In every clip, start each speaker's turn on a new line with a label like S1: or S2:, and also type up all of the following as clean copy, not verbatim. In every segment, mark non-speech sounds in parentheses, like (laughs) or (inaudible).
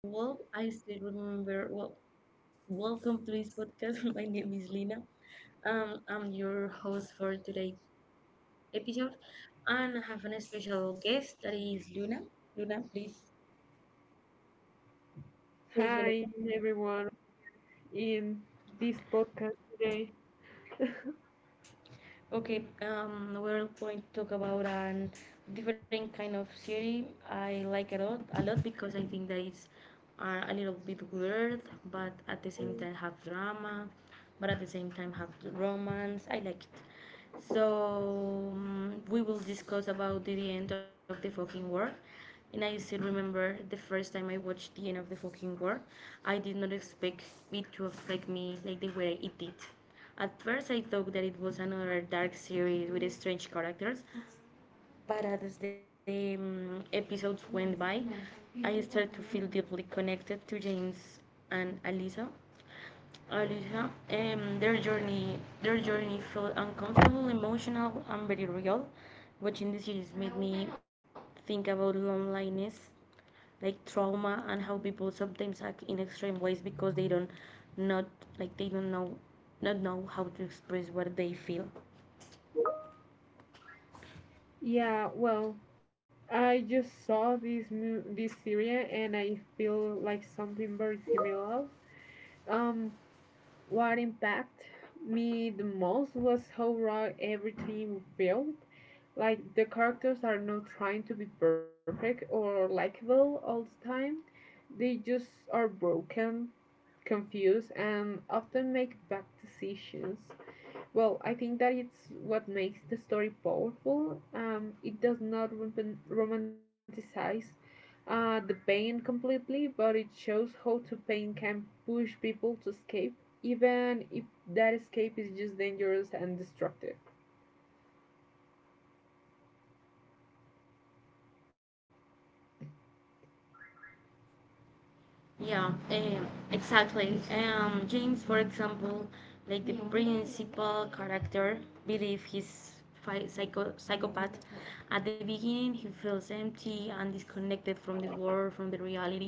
S1: well, I still remember. Well, Welcome to this podcast. (laughs) My name is Lina. I'm your host for today's episode, and I have an special guest that is Luna. Luna, please say hello.
S2: Hi everyone in this podcast today.
S1: Okay, we're going to talk about an different kind of series. I like it a lot because I think that it's a little bit weird, but at the same time have drama, but at the same time have romance. I like it. So we will discuss about the end of the fucking world, and I still remember the first time I watched the end of the fucking war. I did not expect it to affect me like the way it did. At first, I thought that it was another dark series with strange characters, but as the episodes went by, I started to feel deeply connected to James and Alisa. Their journey felt uncomfortable, emotional, and very real. Watching the series made me think about loneliness, like trauma, and how people sometimes act in extreme ways because not they don't know not know how to express what they feel.
S2: Yeah, well, I just saw this series and I feel like something very similar. Um, what impacted me the most was how raw everything felt. Like the characters are not trying to be perfect or likable all the time. They just are broken, confused, and often make bad decisions. Well, I think that it's what makes the story powerful. It does not romanticize the pain completely, but it shows how to pain can push people to escape, even if that escape is just dangerous and destructive.
S1: Yeah, exactly. James, for example, like the principal character, believe he's psychopath. At the beginning, he feels empty and disconnected from the world, from the reality.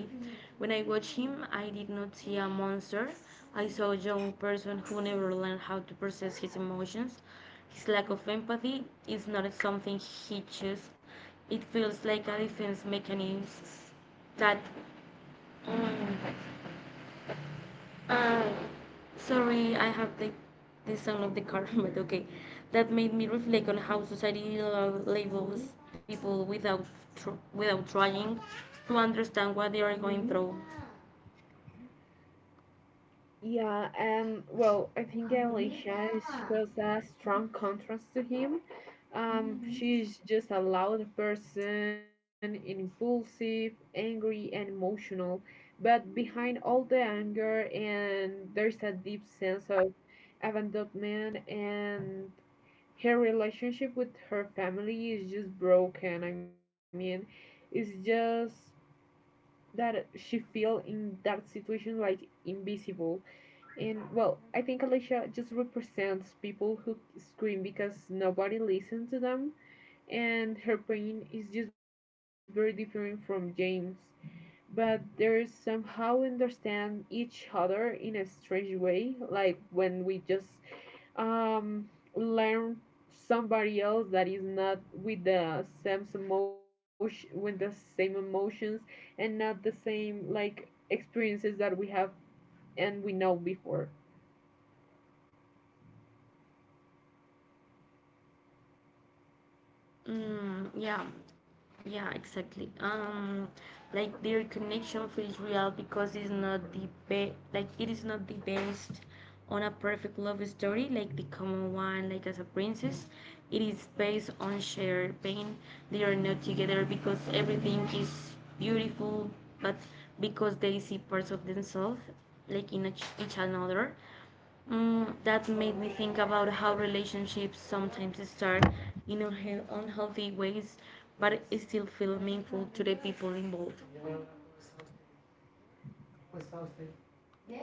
S1: When I watched him, I did not see a monster. I saw a young person who never learned how to process his emotions. His lack of empathy is not something he chose. It feels like a defense mechanism that. mm, uh, sorry, I have the sound of the car, (laughs) but okay. That made me reflect on how society labels people without without trying to understand what they are going through.
S2: Yeah, and well, I think shows a strong contrast to him. She's just a loud person, impulsive, angry, and emotional. But behind all the anger, and there's a deep sense of abandonment, and her relationship with her family is just broken. I mean, it's just that she feel in that situation like invisible. And well, I think Alicia just represents people who scream because nobody listens to them, and her pain is just very different from James. But they somehow understand each other in a strange way, like when we just um, learn somebody else that is not with the same emotion with the same emotions and not the same like experiences that we have and we know before.
S1: Mm, yeah, yeah, exactly. Like their connection feels real because it is not the best on a perfect love story, like the common one, like as a princess. It is based on shared pain. They are not together because everything is beautiful, but because they see parts of themselves, like in each another. That made me think about how relationships sometimes start in unhealthy ways, but it still feel meaningful to the people involved.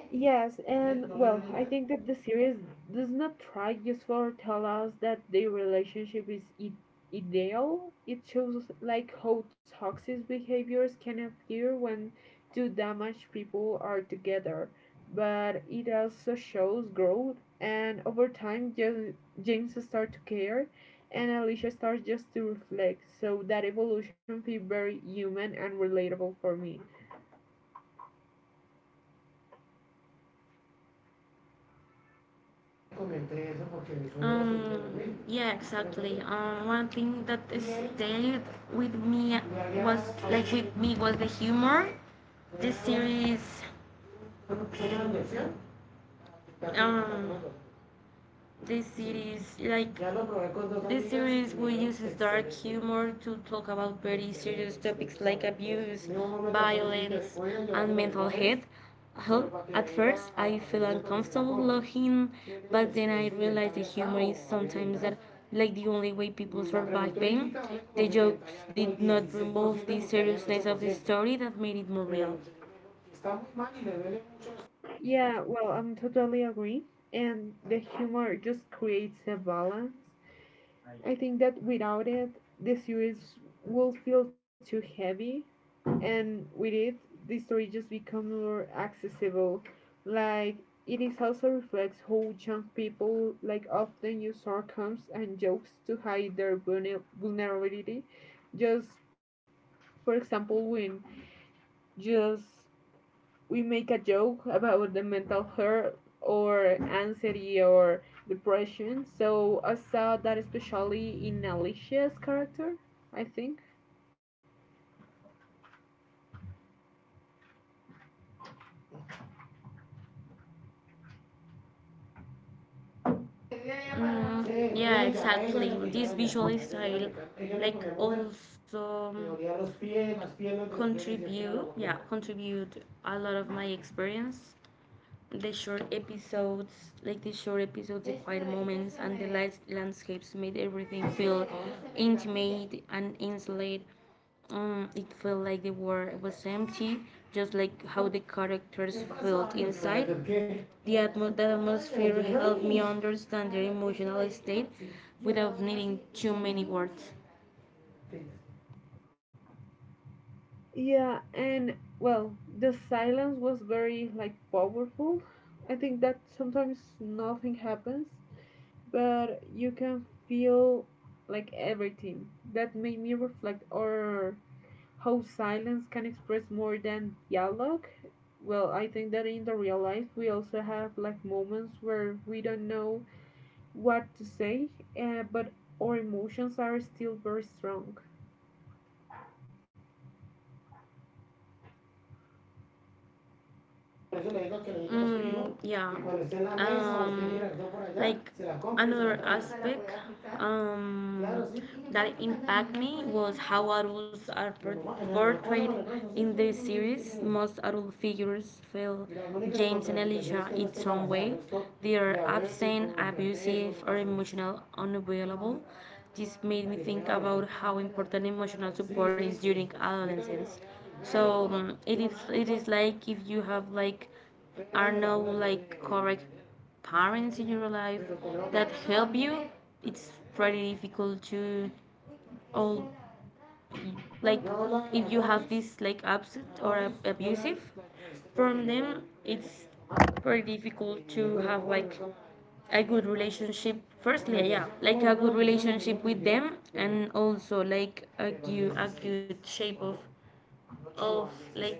S2: Yes, and well, I think that the series does not try just for tell us that their relationship is ideal. It shows like how toxic behaviors can appear when two damaged people are together, but it also shows growth. And over time, James starts to care, and Alicia starts just to reflect. So that evolution feels very human and relatable for me.
S1: Um, yeah, exactly. One thing that stayed with me was like with me was the humor. This series um, this series like this series y will use dark humor to talk about very serious topics like abuse, violence, and mental health. At first, I felt uncomfortable laughing, but then I realized the humor is sometimes that, like the only way people survive pain. The jokes did not remove the seriousness of the story that made it more real.
S2: Yeah, well, I'm totally agree. And the humor just creates a balance. I think that without it, the series will feel too heavy, and with it, the story just becomes more accessible. Like it is also reflects how young people like often use sarcasm and jokes to hide their vulnerability. Just for example, when just we make a joke about the mental health or anxiety or depression. So I saw that especially in Alicia's character, I think.
S1: Yeah, exactly. This visual style, like, also contribute a lot of my experience the short episodes, like the short episodes, the quiet moments, and the light landscapes made everything feel intimate and insolate. It felt like the world was empty, just like how the characters felt inside. The atmosphere helped me understand their emotional state without needing too many words.
S2: Yeah, and well, the silence was very like powerful. I think that sometimes nothing happens, but you can feel like everything. That made me reflect or how silence can express more than dialogue. Well, I think that in the real life we also have like moments where we don't know what to say, but our emotions are still very strong.
S1: Por Mm, yeah. um, like another aspect Claro, sí. That impact me was how adults are por- portrayed sí. In the series. Most adult figures feel James and contraindicación Elijah no in some way. They are absent, abusive, or emotional unavailable. This made me think about how important emotional support is during adolescence. So it is like if you have like are no like correct parents in your life that help you, it's pretty difficult to all like if you have this like upset or abusive from them, it's pretty difficult to have like a good relationship firstly, yeah, like a good relationship with them and also like a good shape of like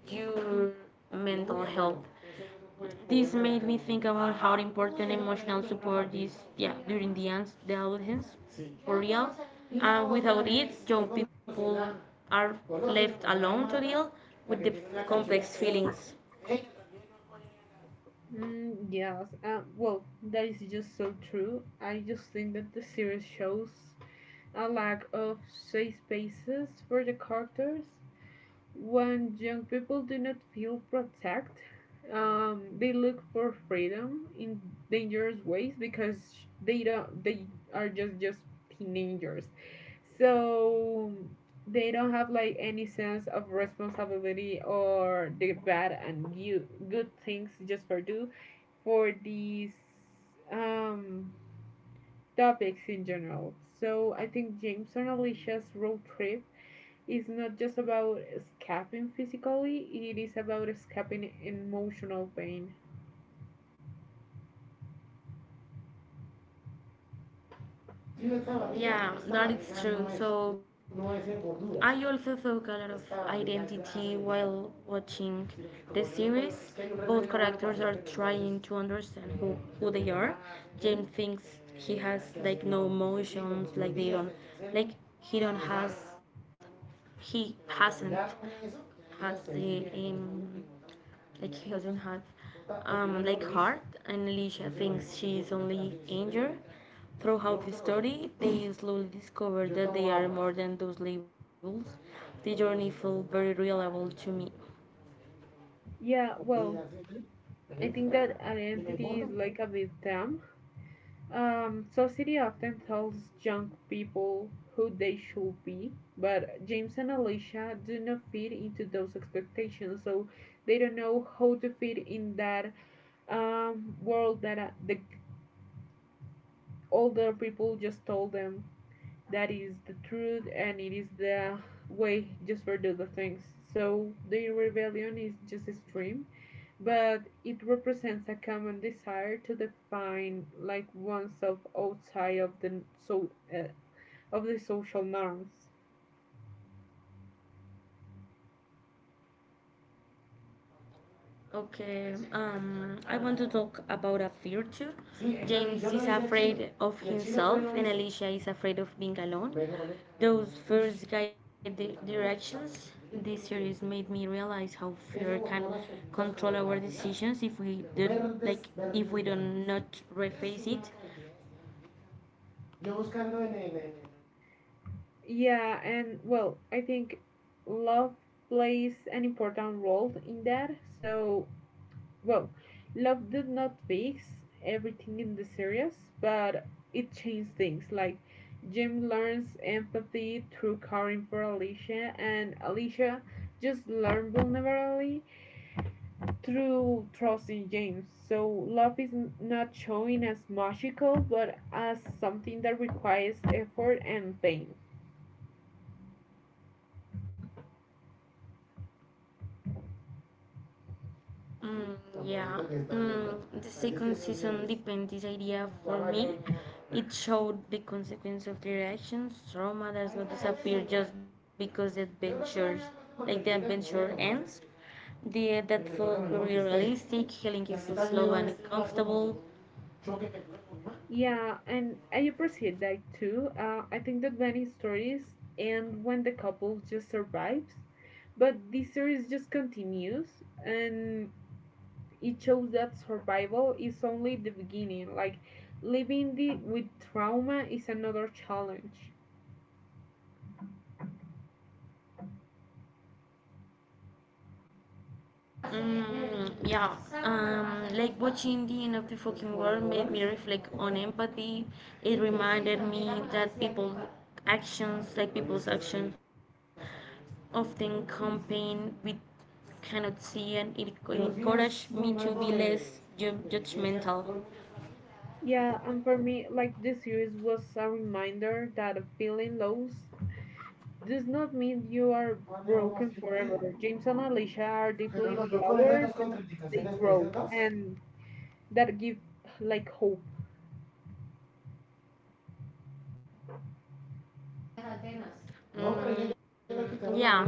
S1: your mental health. This made me think about how important emotional support is, yeah, during the the adolescence, for real. And without it, young people are left alone to deal with the complex feelings.
S2: Mm, yes, well that is just so true. I just think that the series shows a lack of safe spaces for the characters. When young people do not feel protect, they look for freedom in dangerous ways because they don't they are just teenagers. So they don't have like any sense of responsibility or the bad and you, good things just for do for these um topics in general. So I think Jameson and Alicia's road trip, it's not just about escaping physically, it is about escaping emotional pain.
S1: Yeah, that is true. So I also saw a lot of identity while watching the series. Both characters are trying to understand who they are. James thinks he has like no emotions, like they don't like he don't has he hasn't has the like she doesn't have like heart, and Alicia thinks she is only injured. Throughout the story, they slowly discover that they are more than those labels. The journey felt very relatable to me.
S2: Yeah, well, I think that identity is like a big term. Society often tells young people who they should be, but James and Alicia do not fit into those expectations, so they don't know how to fit in that world that the older people just told them that is the truth and it is the way just for do the things. So the rebellion is just extreme, but it represents a common desire to define like oneself outside of the so uh, of the social norms.
S1: Okay, I want to talk about a fear too. James is afraid of himself, and Alicia is afraid of being alone. Those fears guide the directions. This series made me realize how fear can control our decisions if we do not reface it.
S2: Yeah, and well, I think love plays an important role in that. So well, love did not fix everything in the series, but it changed things. Like Jim learns empathy through caring for Alicia, and Alicia just learned vulnerability through trusting James. So love is not showing as magical, but as something that requires effort and pain.
S1: Mm, yeah, the second season dependency idea for me. It showed the consequence of their actions. Trauma does not disappear just because the adventure ends. The that felt very realistic. Healing is slow and uncomfortable.
S2: Yeah, and I appreciate that too. I think that many stories end when the couple just survives. But the series just continues and it shows that survival is only the beginning. Like living with trauma is another challenge.
S1: Mm, yeah, like watching the end of the fucking world made me reflect on empathy. It reminded me that people's actions often campaign we cannot see, and it encouraged me to be less judgmental.
S2: Yeah, and for me, like this series was a reminder that feeling lows does not mean you are broken forever. James and Alicia are deeply flawed,
S1: No,
S2: but they grow and that gives like hope.
S1: no. Mm, yeah,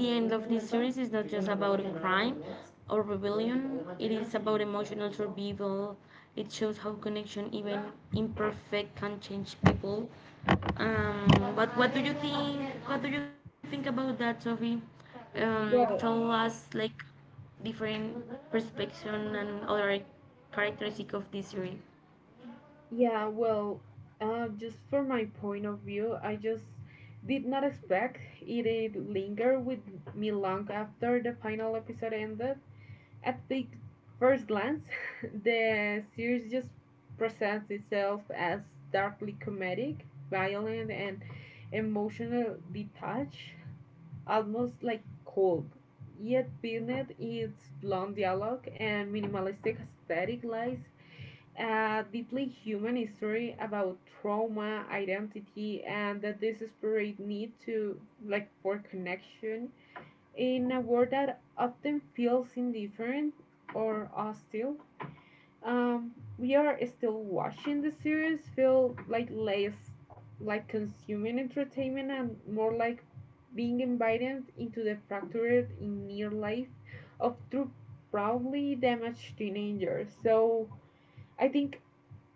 S1: the end of this series is not just about crime or rebellion, it is about emotional survival. It shows how connection, even imperfect, can change people. What do you think? What do you think about that, Sophie? Tell
S2: Well,
S1: us like different perspective and other characteristic of this series.
S2: yeah, well, just from my point of view, I just did not expect it to linger with me long after the final episode ended. At the first glance, (laughs) the series just presents itself as darkly comedic, violent, and emotional detached, almost like cold. Yet beneath its blunt dialogue and minimalistic aesthetic lies a deeply human story about trauma, identity, and the desperate need to like for connection in a world that often feels indifferent or hostile. Um, we are still watching the series feel like less like consuming entertainment and more like being invited into the fractured in near life of two probably damaged teenagers. So I think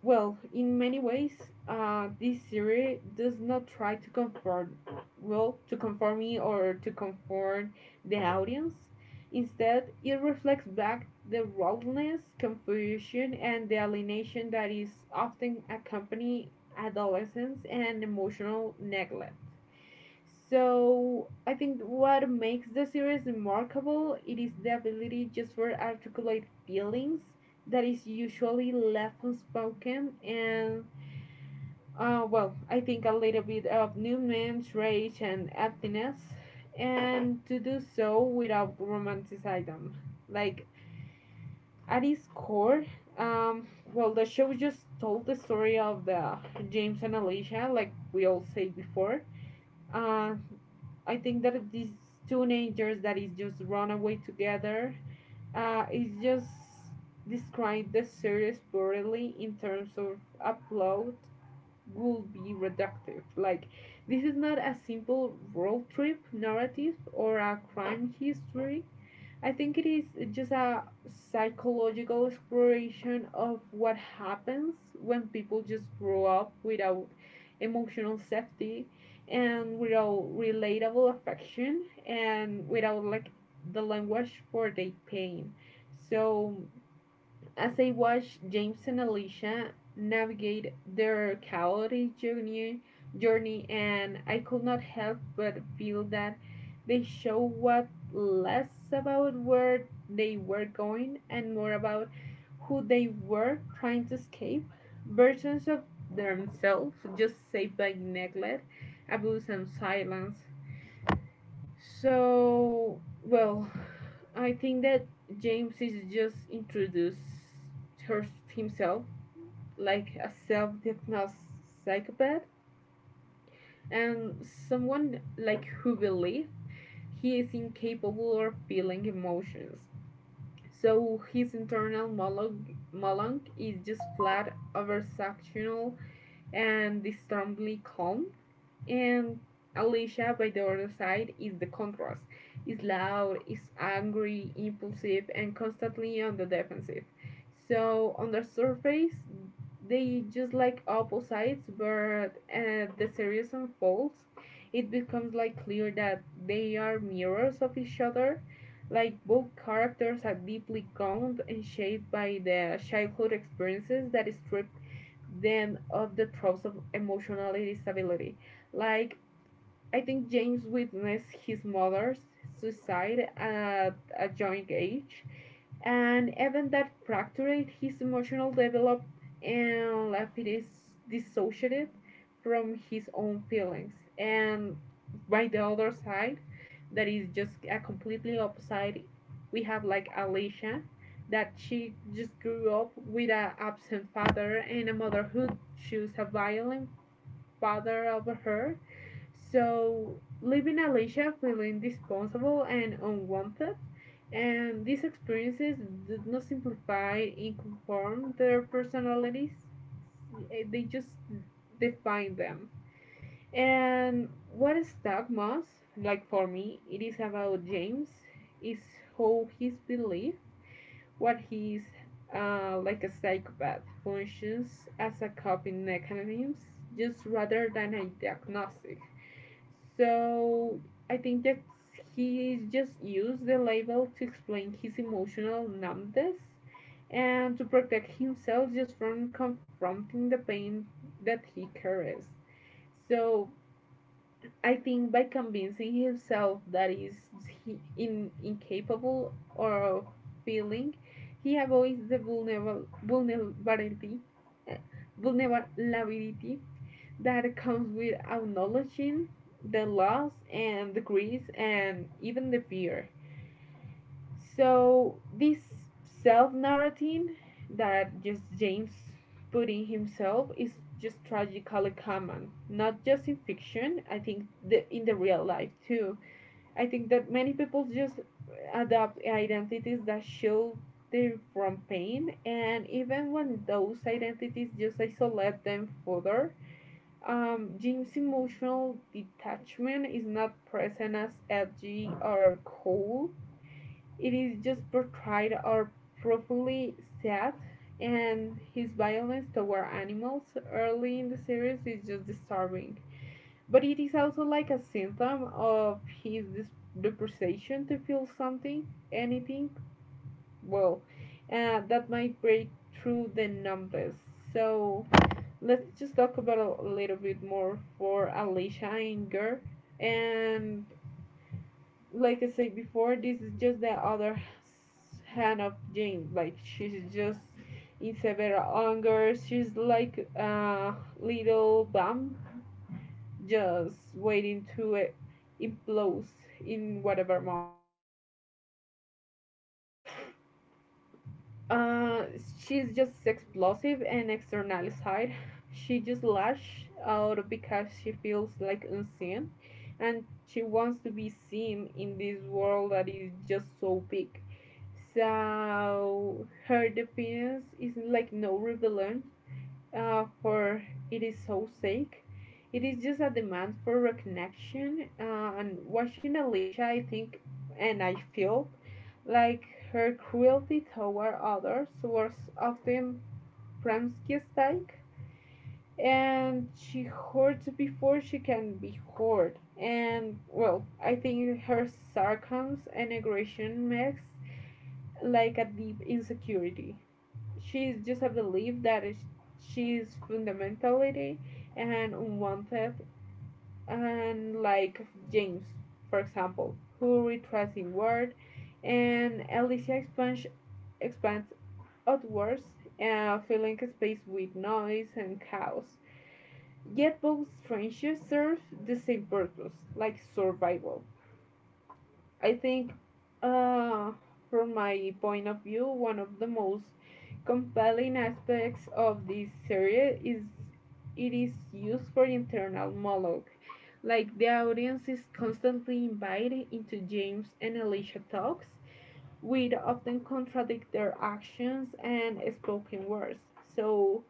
S2: well, in many ways, this series does not try to conform, well, to conform me or to conform the audience. Instead, it reflects back the rawness, confusion, and the alienation that is often accompany adolescence and emotional neglect. So I think what makes the series remarkable it is the ability just for articulate feelings that is usually left unspoken, and well I think a little bit of Newman's rage and emptiness and to do so without romanticizing them. Like at its core, well the show just told the story of the James and Alicia like we all said before. uh, I think that these teenagers that is just run away together, is just describe the series poorly in terms of upload will be reductive. Like this is not a simple road trip narrative or a crime history. I think it is just a psychological exploration of what happens when people just grow up without emotional safety and without relatable affection and without like the language for their pain. So as I watched James and Alicia navigate their chaotic journey and I could not help but feel that they show what less about where they were going and more about who they were trying to escape. Versions of themselves just saved by neglect, abuse, and silence. So, well, I think that James is just introduced himself like a self-diagnosed psychopath and someone like who believes he is incapable of feeling emotions. So his internal monologue is just flat, oversaturational, and disturbingly calm. And Alicia, by the other side, is the contrast. Is loud, is angry, impulsive, and constantly on the defensive. So on the surface, they just like opposites, but as the series unfolds. It becomes like clear that they are mirrors of each other. Like both characters are deeply gone and shaped by the childhood experiences that strip them of the tropes of emotional stability. Like, I think James witnessed his mother's suicide at a young age, an event that fractured his emotional development and left him dissociated from his own feelings. And by the other side, that is just a completely opposite, we have like Alicia, that she just grew up with an absent father and a mother who chose a violent father over her, so, leaving Alicia feeling responsible and unwanted, and these experiences do not simplify and conform their personalities, eh, they just define them. And what stuck most, like for me, it is about James, is how his belief, what he's like a psychopath, functions as a coping mechanism, just rather than a diagnostic. So I think that he just used the label to explain his emotional numbness and to protect himself just from confronting the pain that he carries. So I think by convincing himself that incapable or feeling, he avoids the uh, vulnerability that comes with acknowledging the loss and the grief and even the fear. So this self-narrating that just James put in himself is just tragically common, not just in fiction. I think in the real life too. I think that many people just adopt identities that shield them from pain, and even when those identities just isolate them further, Jim's emotional detachment is not present as edgy or cool. It is just portrayed or profoundly sad, and his violence toward animals early in the series is just disturbing. But it is also like a symptom of his depreciation to feel something, anything, well, that might break through the numbness. So let's just talk about a little bit more for Alicia Inger. And like I said before, this is just the other hand of Jane. Like she's just in several angers. She's like a little bomb, just waiting to implode in whatever moment. So uh, she's just explosive and external side. She just lashes out because she feels like unseen, and she wants to be seen in this world that is just so big. So her defense is like no rebellion, for it is so sake. It is just a demand for recognition. And watching Alicia, I think, and I feel like her cruelty toward others was often Premsky-like, and she hoards before she can be hoard. And well, I think her sarcasm and aggression makes like a deep insecurity. She's just a belief that is- She's fundamentally and unwanted, and like James, for example, who retracts inward, and Alicia expands expands outwards, filling space with noise and chaos. Yet both friendships serve the same purpose, like survival. I think, uh, from my point of view, one of the most compelling aspects of this series is it is used for internal monologue. Like the audience is constantly invited into James and Alicia talks, which often contradict their actions and spoken words. So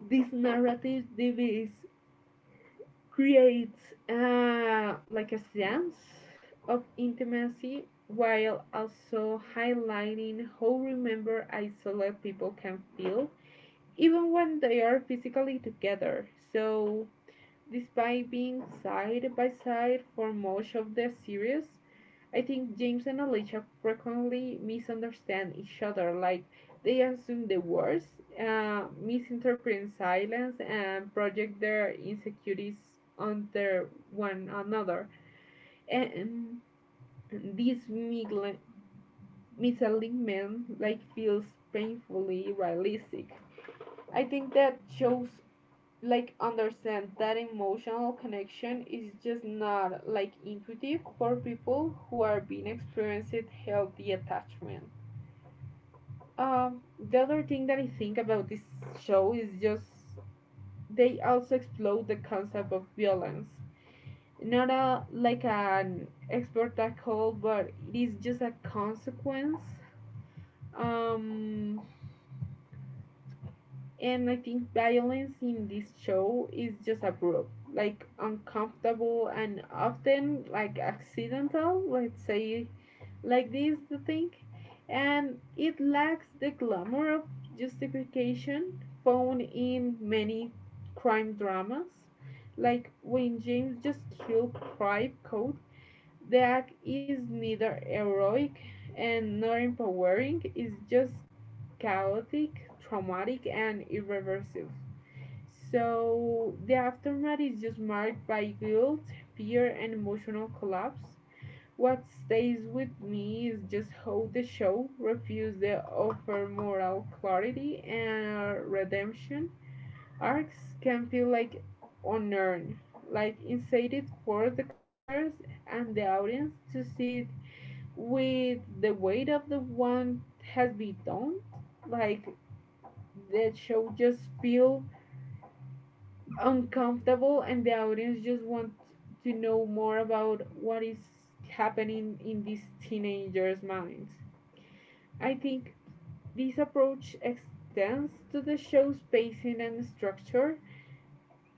S2: this narrative device creates like a sense of intimacy, while also highlighting how remember isolate people can feel even when they are physically together. So despite being side by side for most of the series, I think James and Alicia frequently misunderstand each other. Like they assume the worst, misinterpret silence, and project their insecurities on their one another. And this misalignment like feels painfully realistic. I think that shows like understand that emotional connection is just not like intuitive for people who are being experienced healthy attachment. Um, the other thing that I think about this show is just they also explode the concept of violence. Not a like an expert tackle, but it is just a consequence. Um, and I think violence in this show is just abrupt, like uncomfortable and often like accidental. Let's say like this, the thing, and it lacks the glamour of justification found in many crime dramas. Like when James just killed Private Code, the act is neither heroic and nor empowering. It's just chaotic, traumatic, and irreversible. So the aftermath is just marked by guilt, fear, and emotional collapse. What stays with me is just how the show refused to offer moral clarity and redemption. Arcs can feel like unearned, like incited for the characters and the audience to see it with the weight of the one has been done. Like that show just feels uncomfortable, and the audience just wants to know more about what is happening in these teenagers' minds. I think this approach extends to the show's pacing and structure.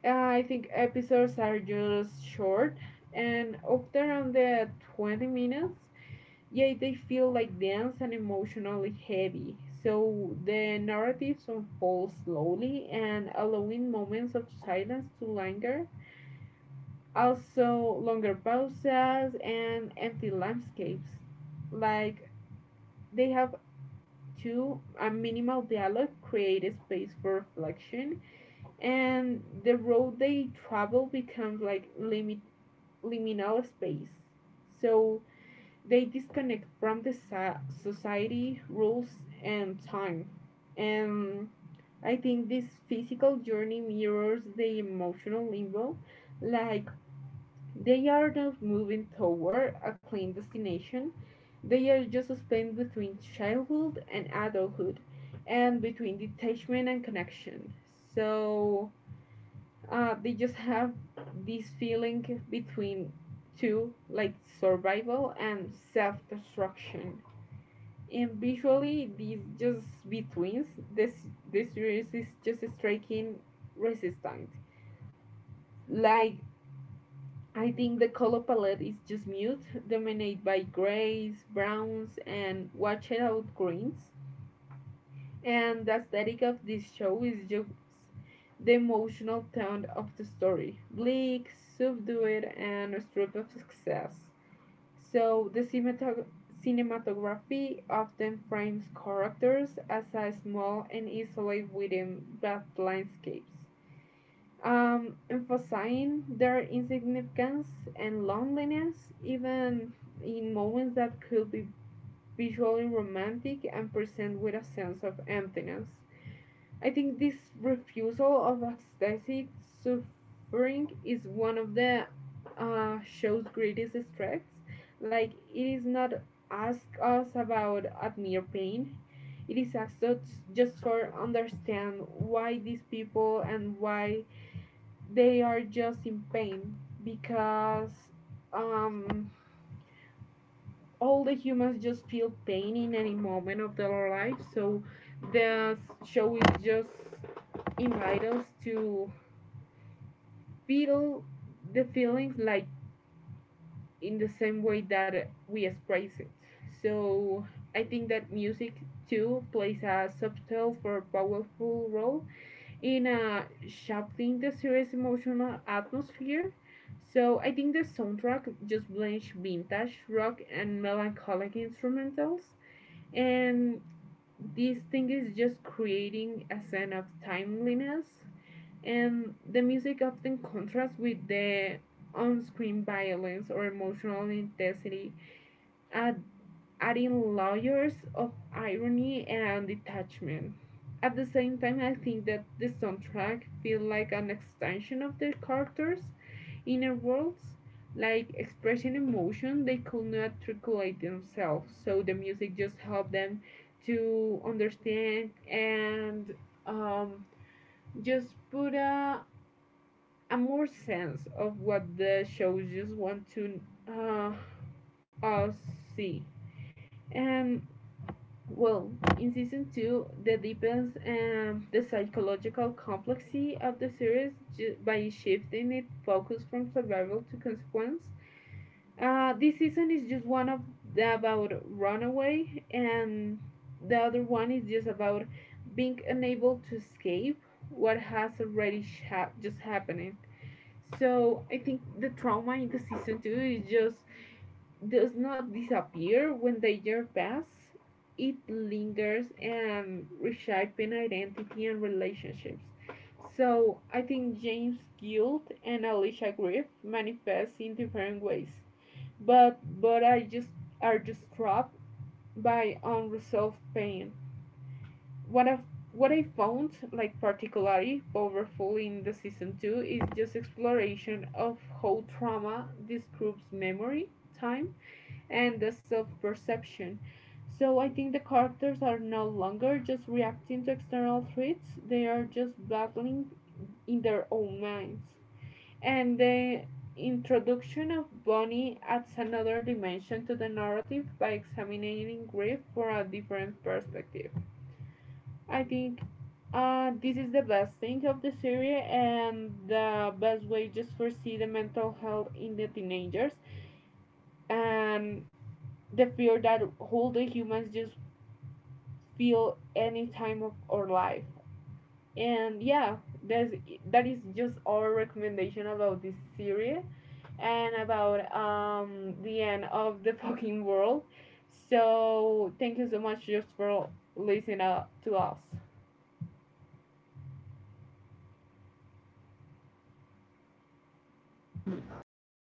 S2: I think episodes are just short and often under 20 minutes, yet they feel like dense and emotionally heavy. So the narratives unfold slowly and allowing moments of silence to linger, also longer pauses and empty landscapes. Like they have two a minimal dialogue create a space for reflection, and the road they travel becomes like limit liminal space. So they disconnect from the society rules and time. And I think this physical journey mirrors the emotional limbo. Like they are not moving toward a clean destination. They are just spent between childhood and adulthood, and between detachment and connection. So they just have this feeling between two, like survival and self destruction. And visually, these just betweens, this, this series is just striking resistant. Like I think the color palette is just mute, dominated by grays, browns, and washed out greens. And the aesthetic of this show is just the emotional tone of the story bleak, subdued, and stripped of success. So, the cinematography often frames characters as a small and isolated within vast landscapes, emphasizing their insignificance and loneliness, even in moments that could be visually romantic and present with a sense of emptiness. I think this refusal of aesthetic suffering is one of the show's greatest strengths. Like, it is not ask us about a mere pain. It is asked us just for understand why these people and why they are just in pain, because um, all the humans just feel pain in any moment of their life. So the show is just invite us to feel the feelings like in the same way that we express it. So I think that music too plays a subtle for powerful role in a shaping the series' emotional atmosphere. So I think the soundtrack just blends vintage rock and melancholic instrumentals, and this thing is just creating a sense of timeliness. And the music often contrasts with the on-screen violence or emotional intensity at adding layers of irony and detachment. At the same time, I think that the soundtrack feels like an extension of the characters' inner worlds, like expressing emotion they could not articulate themselves. So the music just helped them to understand and, um, just put a more sense of what the show just want to uh, us see. And well, in season two, the deepens the psychological complexity of the series by shifting its focus from survival to consequence. This season is just one of the about runaway, and the other one is just about being unable to escape what has already sha just happening. So I think the trauma in the season two is just does not disappear when the year passes. It lingers and reshaping identity and relationships. So I think James Guild and Alicia Griff manifest in different ways, but I just are just trapped by unresolved pain. What I what I found like particularly powerful in the season two is just exploration of how trauma disrupts memory, time, and the self-perception. So I think the characters are no longer just reacting to external threats; they are just battling in their own minds. And the introduction of Bonnie adds another dimension to the narrative by examining grief from a different perspective. I think this is the best thing of the series and the best way just to foresee the mental health in the teenagers, and the fear that all the humans just feel any time of our life. And yeah, that's that is just our recommendation about this series and about the end of the (laughs) fucking world. So thank you so much just for listening to us.
S1: Yeah, thank you.